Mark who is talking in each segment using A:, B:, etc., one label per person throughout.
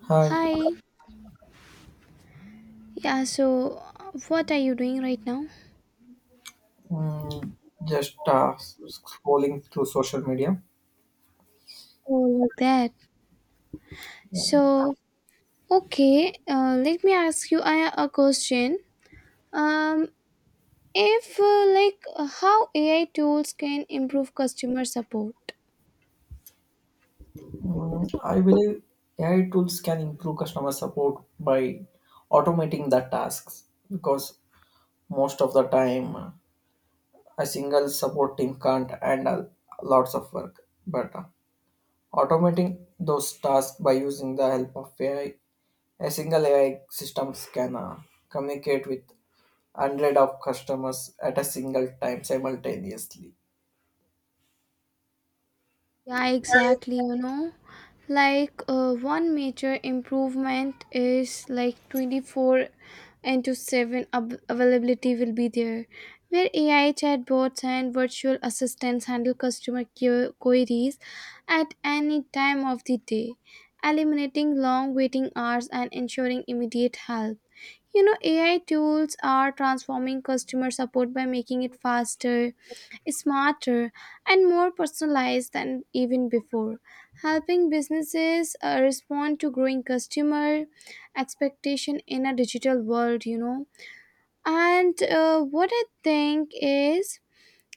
A: Hi.
B: Hi. Yeah, so what are you doing right now?
A: Mm, just scrolling through social media.
B: Oh, like that. So, okay, let me ask you a question. Um, if like how AI tools can improve customer support.
A: Mm, I believe AI tools can improve customer support by automating the tasks, because most of the time a single support team can't handle lots of work. But automating those tasks by using the help of AI, a single AI systems can communicate with hundred of customers at a single time simultaneously.
B: Yeah, exactly, you know. Like one major improvement is like 24 into 7 availability will be there, where ai chatbots and virtual assistants handle customer care queries at any time of the day, eliminating long waiting hours and ensuring immediate help. You know, ai tools are transforming customer support by making it faster, smarter, and more personalized than even before, helping businesses respond to growing customer expectation in a digital world, you know. And what I think is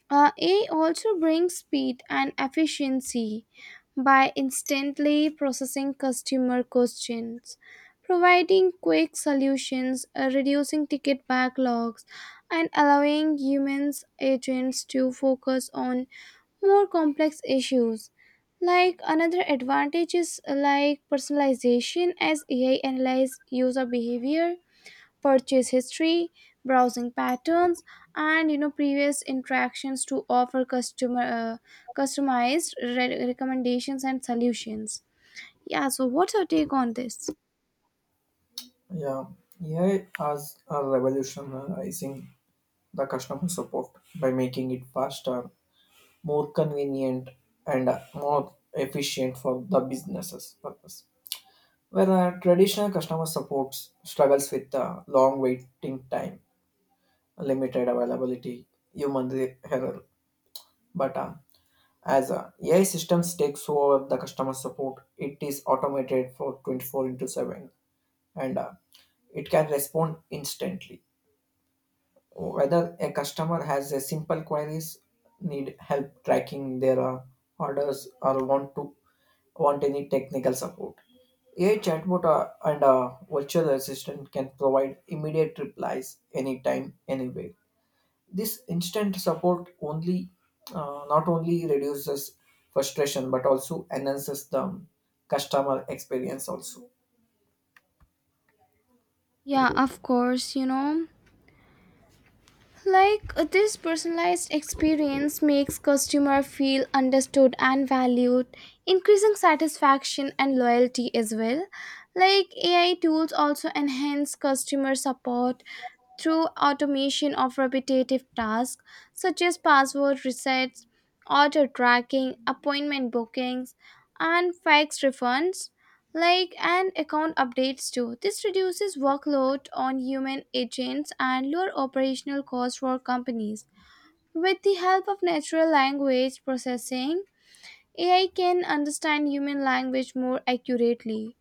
B: AI also brings speed and efficiency by instantly processing customer questions, providing quick solutions, reducing ticket backlogs, and allowing humans agents to focus on more complex issues. Like another advantage is like personalization, as AI analyze user behavior, purchase history, browsing patterns, and you know previous interactions to offer customer recommendations and solutions. Yeah, so what's your take on this?
A: Yeah, AI has revolutionizing the customer support by making it faster, more convenient, and more efficient for the businesses purpose. Where traditional customer support struggles with long waiting time, limited availability, error. But as AI systems takes over the customer support, it is automated for 24 into 7, and it can respond instantly whether a customer has a simple queries, need help tracking their orders, or want any technical support. A chatbot and a virtual assistant can provide immediate replies anytime anywhere. This instant support only not only reduces frustration but also enhances the customer experience also.
B: Yeah, of course, you know. Like this personalized experience makes customer feel understood and valued, increasing satisfaction and loyalty as well. Like AI tools also enhance customer support through automation of repetitive tasks such as password resets, order tracking, appointment bookings, and fax refunds, like, and account updates too. This reduces workload on human agents and lower operational costs for companies. With the help of natural language processing, AI can understand human language more accurately,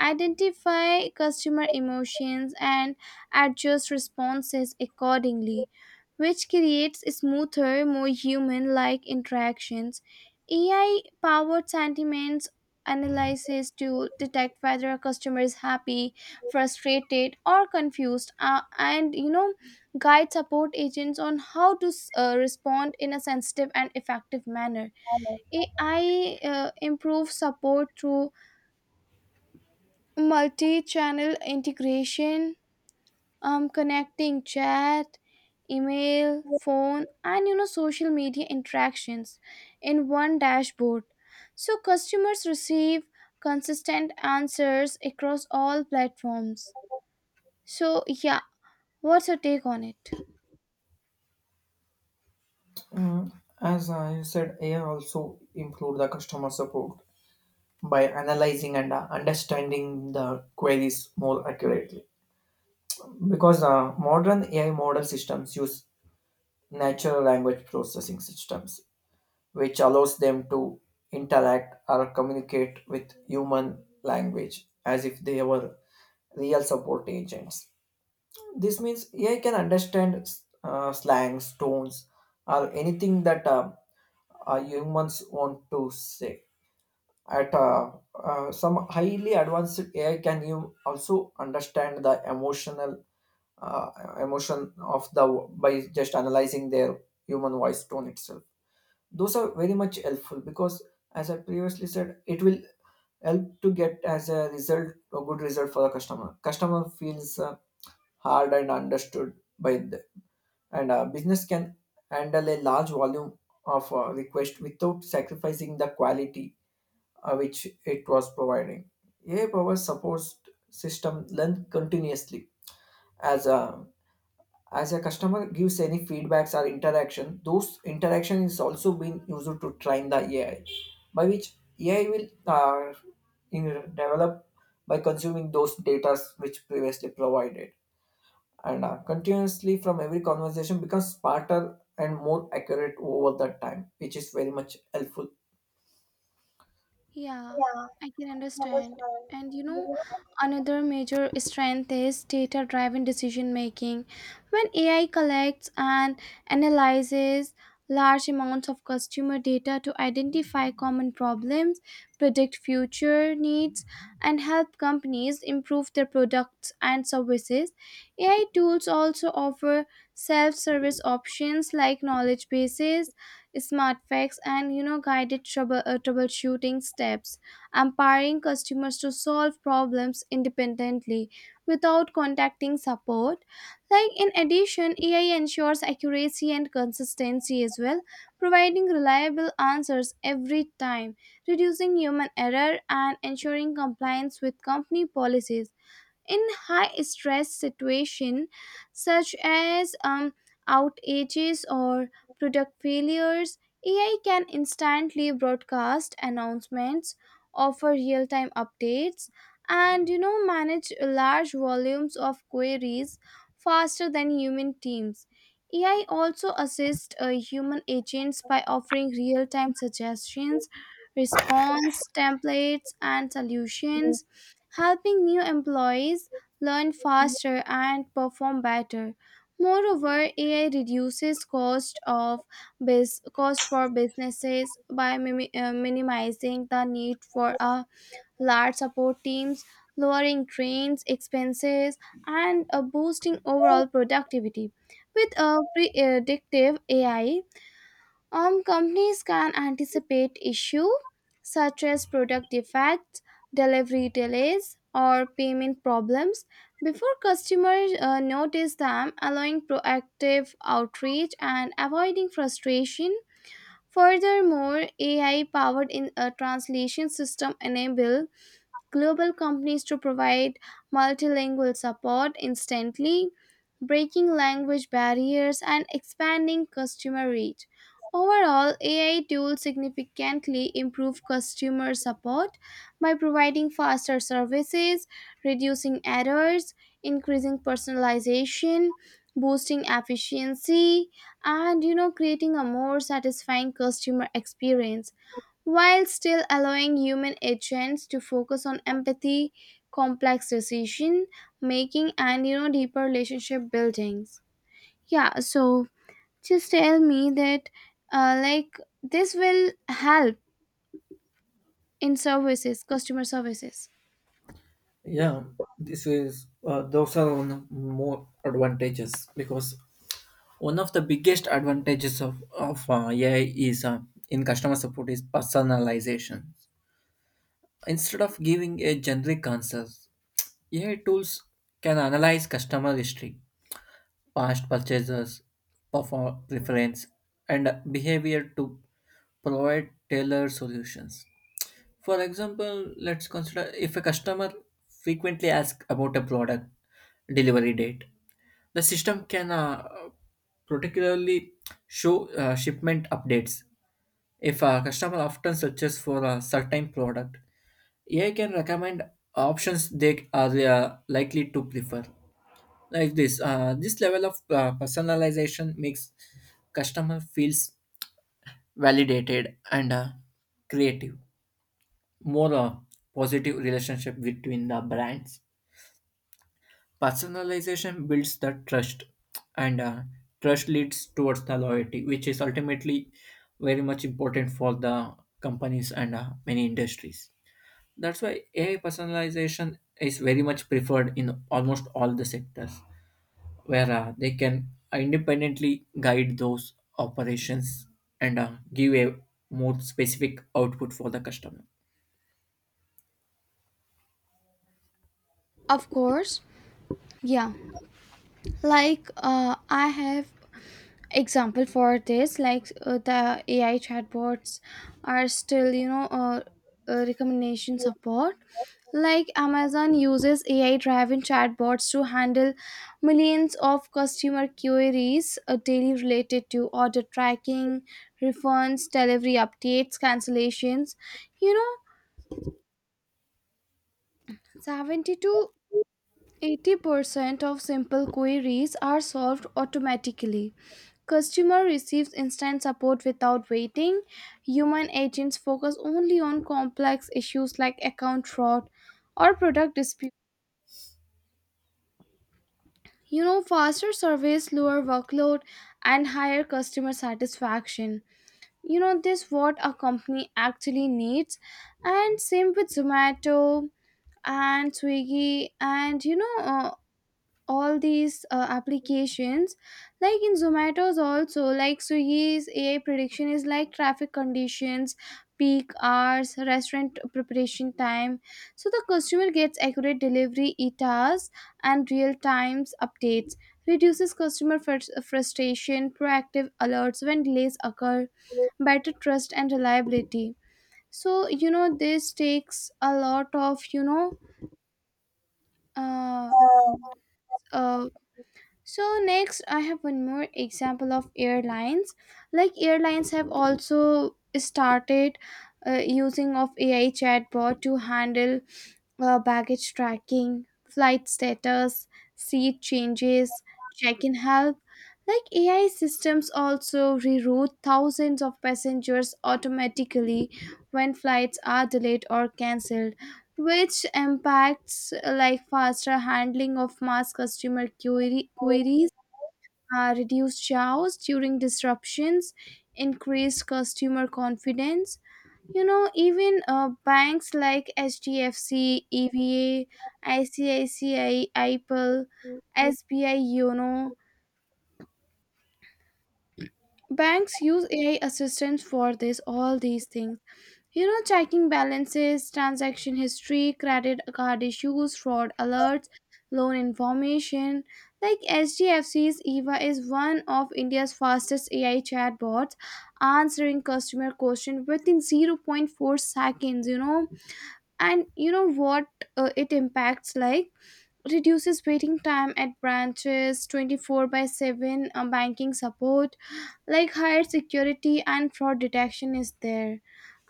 B: identify customer emotions, and adjust responses accordingly, which creates smoother, more human like interactions. AI powered sentiments analysis to detect whether a customer is happy, frustrated, or confused, and you know, guide support agents on how to respond in a sensitive and effective manner. AI improves support through multi-channel integration, connecting chat, email, phone, and you know social media interactions in one dashboard, so customers receive consistent answers across all platforms. So yeah, what's your take on it?
A: Mm, as I said, AI also improve the customer support by analyzing and understanding the queries more accurately. Because modern AI model systems use natural language processing systems, which allows them to interact or communicate with human language as if they were real support agents. This means AI can understand slangs, tones, or anything that humans want to say. At some highly advanced AI, can you also understand the emotional uh, emotion of the by just analyzing their human voice tone itself? Those are very much helpful because, as I previously said, it will help to get as a result a good result for the customer. Customer feels heard and understood by the, and business can handle a large volume of request without sacrificing the quality which it was providing. AI powered support system learn continuously as a as a customer gives any feedbacks or interaction. Those interaction is also being used to train the AI, by which AI will in, develop by consuming those data which previously provided, and continuously from every conversation becomes smarter and more accurate over the time, which is very much helpful.
B: Yeah, I can understand. And you
A: Yeah.
B: know, another major strength is data driven decision making. When AI collects and analyzes large amounts of customer data to identify common problems, predict future needs, and help companies improve their products and services, AI tools also offer self service options like knowledge bases, smart facts, and you know guided troubleshooting steps, empowering customers to solve problems independently without contacting support. Like in addition, ai ensures accuracy and consistency as well, providing reliable answers every time, reducing human error and ensuring compliance with company policies. In high stress situations, such as outages or product failures, ai can instantly broadcast announcements, offer real-time updates, and you know manage large volumes of queries faster than human teams. AI also assists human agents by offering real-time suggestions, response templates, and solutions, helping new employees learn faster and perform better. Moreover, AI reduces cost for businesses by minimizing the need for a large support teams, lowering trains expenses, and boosting overall productivity. With a predictive AI, companies can anticipate issues such as product defects, delivery delays, or payment problems before customers notice them, allowing proactive outreach and avoiding frustration. Furthermore, AI powered in a translation system enable global companies to provide multilingual support instantly, breaking language barriers and expanding customer reach. Overall, AI tools significantly improve customer support by providing faster services, reducing errors, increasing personalization, boosting efficiency, and you know creating a more satisfying customer experience, while still allowing human agents to focus on empathy, complex decision making, and you know deeper relationship buildings. Yeah, so just tell me that like this will help in services, customer services.
A: Yeah, this is those are one more advantages, because one of the biggest advantages of AI is in customer support is personalization. Instead of giving a generic answers, AI tools can analyze customer history, past purchases, perform preference, and behavior to provide tailored solutions. For example, let's consider if a customer frequently asks about a product delivery date, the system can particularly show shipment updates. If a customer often searches for a certain product, AI can recommend options they are likely to prefer. This level of personalization makes customer feels validated and creative, more a positive relationship between the brands. Personalization builds the trust, and trust leads towards the loyalty, which is ultimately very much important for the companies and many industries. That's why AI personalization is very much preferred in almost all the sectors, where they can independently guide those operations and give a more specific output for the customer.
B: Of course, yeah. Like I have example for this, like the AI chatbots are still you know recommendation support. Like Amazon uses AI driven chatbots to handle millions of customer queries daily related to order tracking, refunds, delivery updates, cancellations. You know, 70 to 80% of simple queries are solved automatically. Customer receives instant support without waiting. Human agents focus only on complex issues like account fraud or product disputes. You know, faster service, lower workload, and higher customer satisfaction. You know, this what a company actually needs. And same with Zomato and Swiggy, and you know all these applications, like in zomato's, also like swiggy's ai prediction is like traffic conditions, peak hours, restaurant preparation time, so the customer gets accurate delivery etas and real times updates, reduces customer frustration, proactive alerts when delays occur, better trust and reliability. So you know this takes a lot of you know uh, uh So next, I have one more example of airlines. Like airlines have also started using of AI chatbot to handle baggage tracking, flight status, seat changes, check in help. Like AI systems also reroute thousands of passengers automatically when flights are delayed or cancelled, which impacts like faster handling of mass queries, reduced chaos during disruptions, increased customer confidence. You know, even banks like hdfc eva, icici, ipal, sbi banks use ai assistants for this, all these things, you know, checking balances, transaction history, credit card issues, fraud alerts, loan information. Like HDFC C's eva is one of india's fastest ai chatbots, answering customer questions within zero point 0.4 seconds, you know. And you know what, it impacts like reduces waiting time at branches, 24 by 7 banking support, like higher security and fraud detection is there.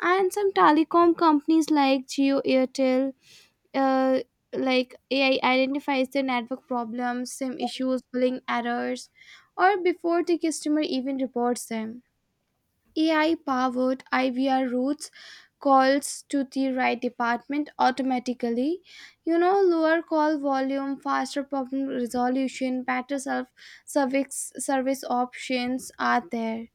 B: And some telecom companies like geo, airtel, uh, like ai identifies the network problems, sim issues, billing errors or before the customer even reports them. AI powered IVR routes calls to the right department automatically. You know, lower call volume, faster problem resolution, better self service service options are there.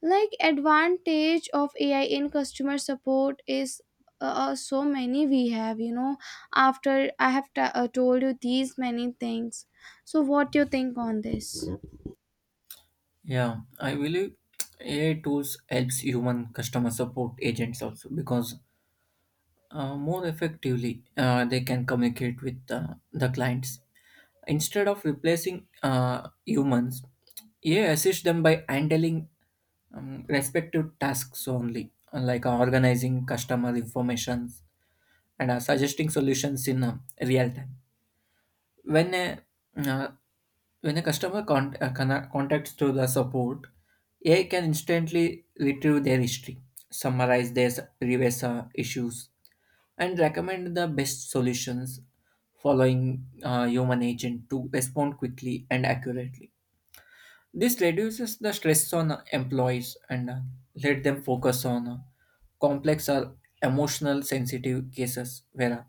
B: Like advantage of AI in customer support is so many we have. You know, after I have told you these many things, so what do you think on this?
A: Yeah, I believe AI tools helps human customer support agents also, because more effectively they can communicate with the clients instead of replacing humans. AI assists them by handling respective tasks only, like organizing customer information and suggesting solutions in real time. When a uh, customer contacts to the support, AI can instantly retrieve their history, summarize their previous issues, and recommend the best solutions, following human agent to respond quickly and accurately. This reduces the stress on employees, and let them focus on complex or emotional sensitive cases where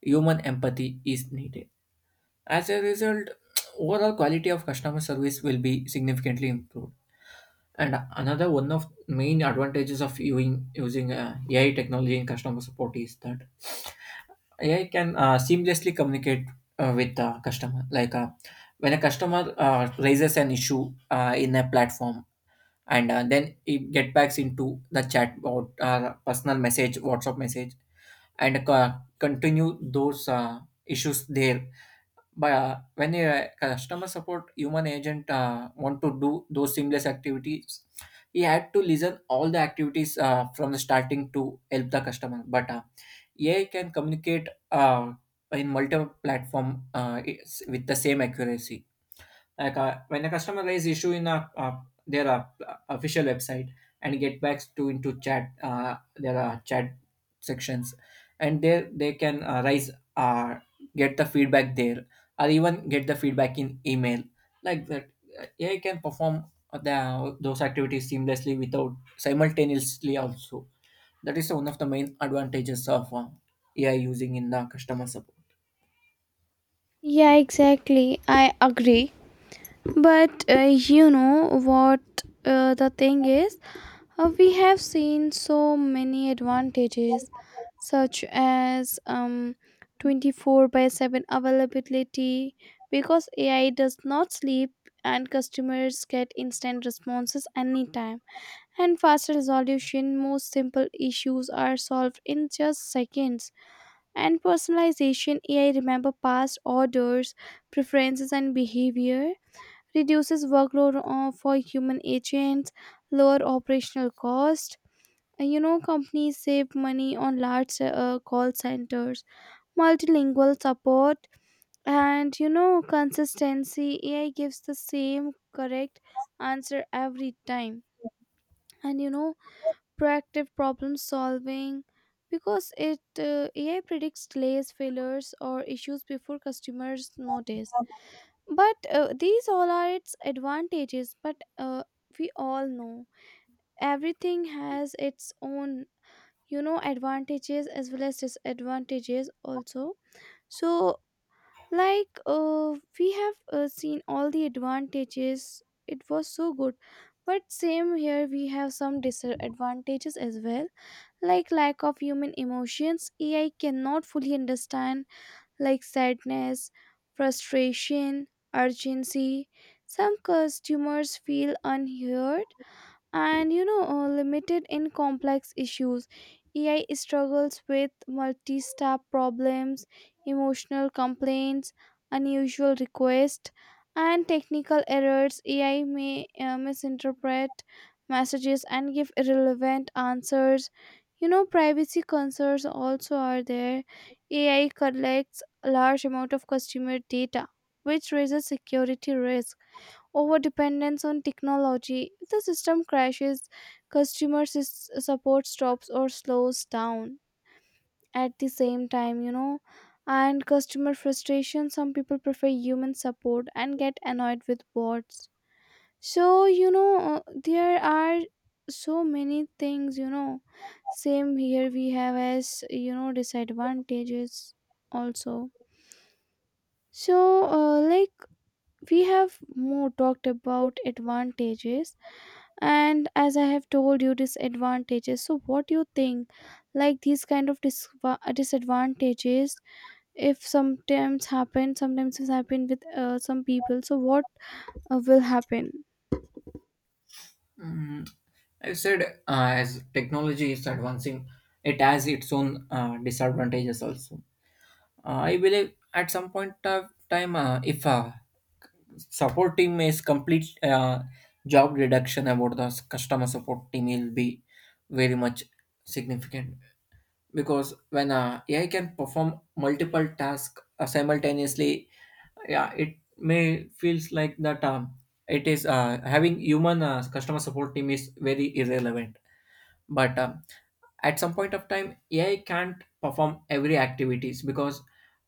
A: human empathy is needed. As a result, overall quality of customer service will be significantly improved. And another one of main advantages of using AI technology in customer support is that AI can seamlessly communicate with the customer. Like when a customer raises an issue in a platform, and then it get backs into the chat or personal message, WhatsApp message, and continue those issues there. But when a customer support human agent want to do those seamless activities, he had to listen all the activities from the starting to help the customer. But AI can communicate in multiple platform with the same accuracy. Like when a customer raise issue in a, their official website and get back to into chat their chat sections, and there they can raise, uh, get the feedback there, or even get the feedback in email. Like that, AI can perform those activities seamlessly without simultaneously also. That is one of the main advantages of AI using in the customer support.
B: Yeah, exactly. I agree. But you know what the thing is? We have seen so many advantages, such as 24 by 7 availability, because AI does not sleep and customers get instant responses anytime, and faster resolution, most simple issues are solved in just seconds, and personalization, ai remember past orders, preferences and behavior, reduces workload for human agents, lower operational cost. You know, companies save money on large call centers, multilingual support, and you know, consistency. AI gives the same correct answer every time. And you know, proactive problem solving, because it AI predicts delays, failures, or issues before customers notice. But these all are its advantages. But we all know everything has its own you know advantages as well as disadvantages also. So like we have seen all the advantages, it was so good, but same here we have some disadvantages as well. Like lack of human emotions, ai cannot fully understand like sadness, frustration, urgency. Some customers feel unheard, and you know limited in complex issues, ai struggles with multi-step problems, emotional complaints, unusual requests, and technical errors. Ai may misinterpret messages and give irrelevant answers. You know, privacy concerns also are there, ai collects a large amount of customer data which raises security risk, over dependence on technology. If the system crashes, support stops or slows down at the same time, you know. And customer frustration, some people prefer human support and get annoyed with bots. So, you know, there are so many things, you know. Same here, we have as, you know, disadvantages also. So, like, we have more talked about advantages, and as I have told you disadvantages, so what do you think, like these kind of disadvantages, if sometimes happen, sometimes it's happen with some people, so what will happen?
A: Mm, I said, as technology is advancing, it has its own disadvantages also. I believe at some point of time, if a support team is complete, job reduction about the customer support team will be very much significant, because when AI can perform multiple tasks simultaneously. Yeah, it may feels like that it is having human customer support team is very irrelevant. But at some point of time, AI can't perform every activities because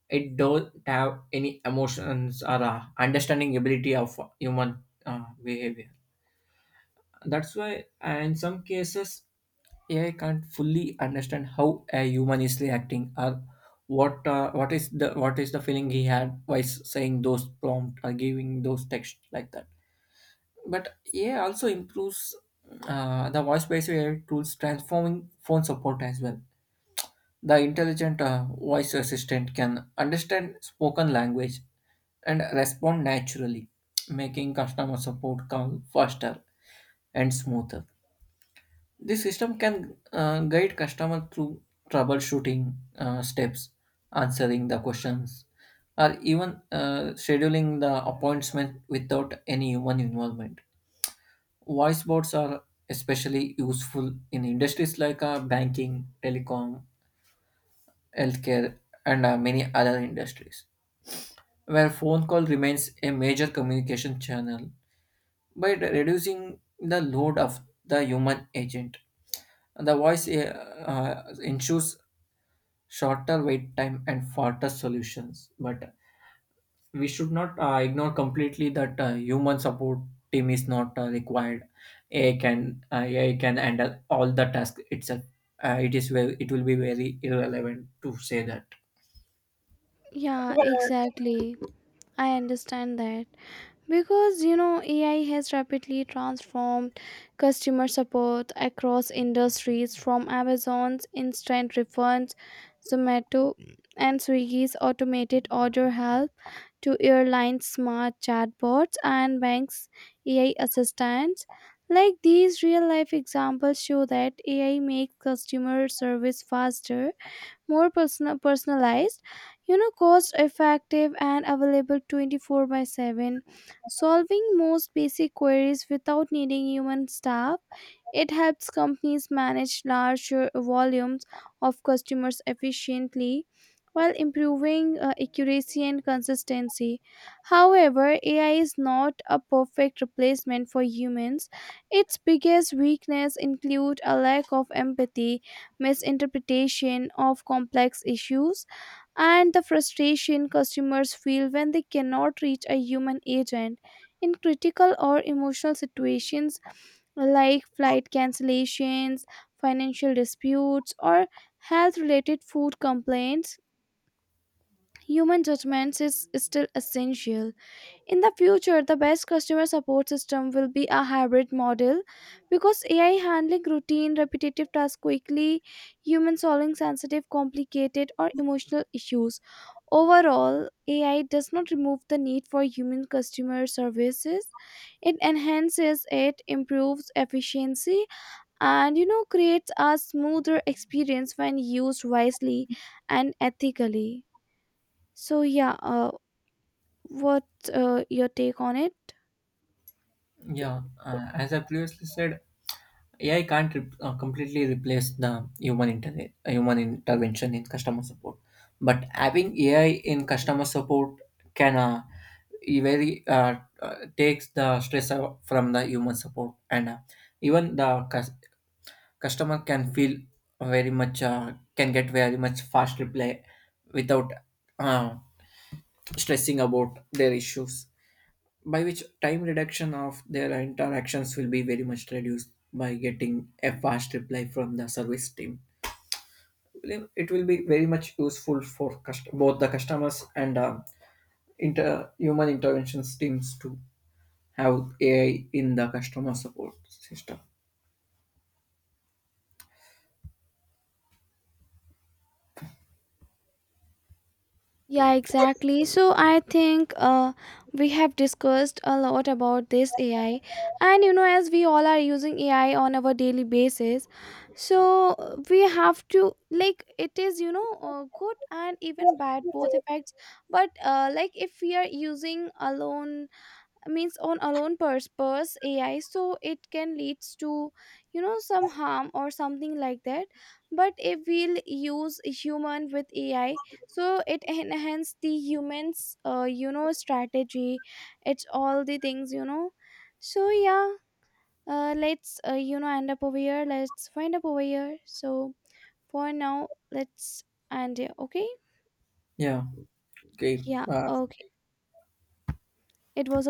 A: it don't have any emotions or understanding ability of human behavior. That's why in some cases, AI can't fully understand how a human is reacting, or what is the feeling he had while saying those prompt or giving those text like that. But AI also improves the voice-based AI tools, transforming phone support as well. The intelligent voice assistant can understand spoken language and respond naturally, making customer support call faster and smoother. This system can guide customer through troubleshooting steps, answering the questions, or even scheduling the appointment without any human involvement. Voice bots are especially useful in industries like banking, telecom, healthcare, and many other industries, where phone call remains a major communication channel, by reducing the load of the human agent. The voice ensures shorter wait time and faster solutions, but we should not ignore completely that human support team is not required. AI can handle all the tasks itself. It will be very irrelevant to say that.
B: Yeah, exactly. I understand that. Because you know, AI has rapidly transformed customer support across industries, from Amazon's instant refunds, Zomato and Swiggy's automated order help, to airlines' smart chatbots and banks' AI assistants. Like these real life examples show that AI makes customer service faster, more personalized, you know, cost effective and available 24 by 7, solving most basic queries without needing human staff. It helps companies manage larger volumes of customers efficiently, while improving accuracy and consistency. However, AI is not a perfect replacement for humans. Its biggest weakness include a lack of empathy, misinterpretation of complex issues, and the frustration customers feel when they cannot reach a human agent. In critical or emotional situations like flight cancellations, financial disputes, or health related food complaints, human judgments is still essential. In the future, the best customer support system will be a hybrid model, because AI handling routine, repetitive tasks quickly, human solving sensitive, complicated, or emotional issues. Overall, AI does not remove the need for human customer services. It enhances it, improves efficiency, and you know creates a smoother experience when used wisely and ethically. So yeah, what your take on it?
A: Yeah, as I previously said, AI can't completely replace the human intervention in customer support. But having AI in customer support can very uh, uh, takes the stress out from the human support, and even the customer can feel very much, can get very much fast reply without uh, stressing about their issues, by which time reduction of their interactions will be very much reduced by getting a fast reply from the service team. It will be very much useful for both the customers and human interventions teams to have AI in the customer support system.
B: Yeah, exactly. So I think we have discussed a lot about this AI, and you know, as we all are using AI on our daily basis, so we have to like it is you know good and even bad, both effects. But like if we are using alone, means on alone purse ai, so it can leads to you know some harm or something like that. But if we'll use human with ai, so it enhance the humans you know strategy, it's all the things you know. So yeah, let's you know end up over here, let's find up over here. So for now let's end here, okay?
A: Yeah, okay.
B: Yeah, okay, it was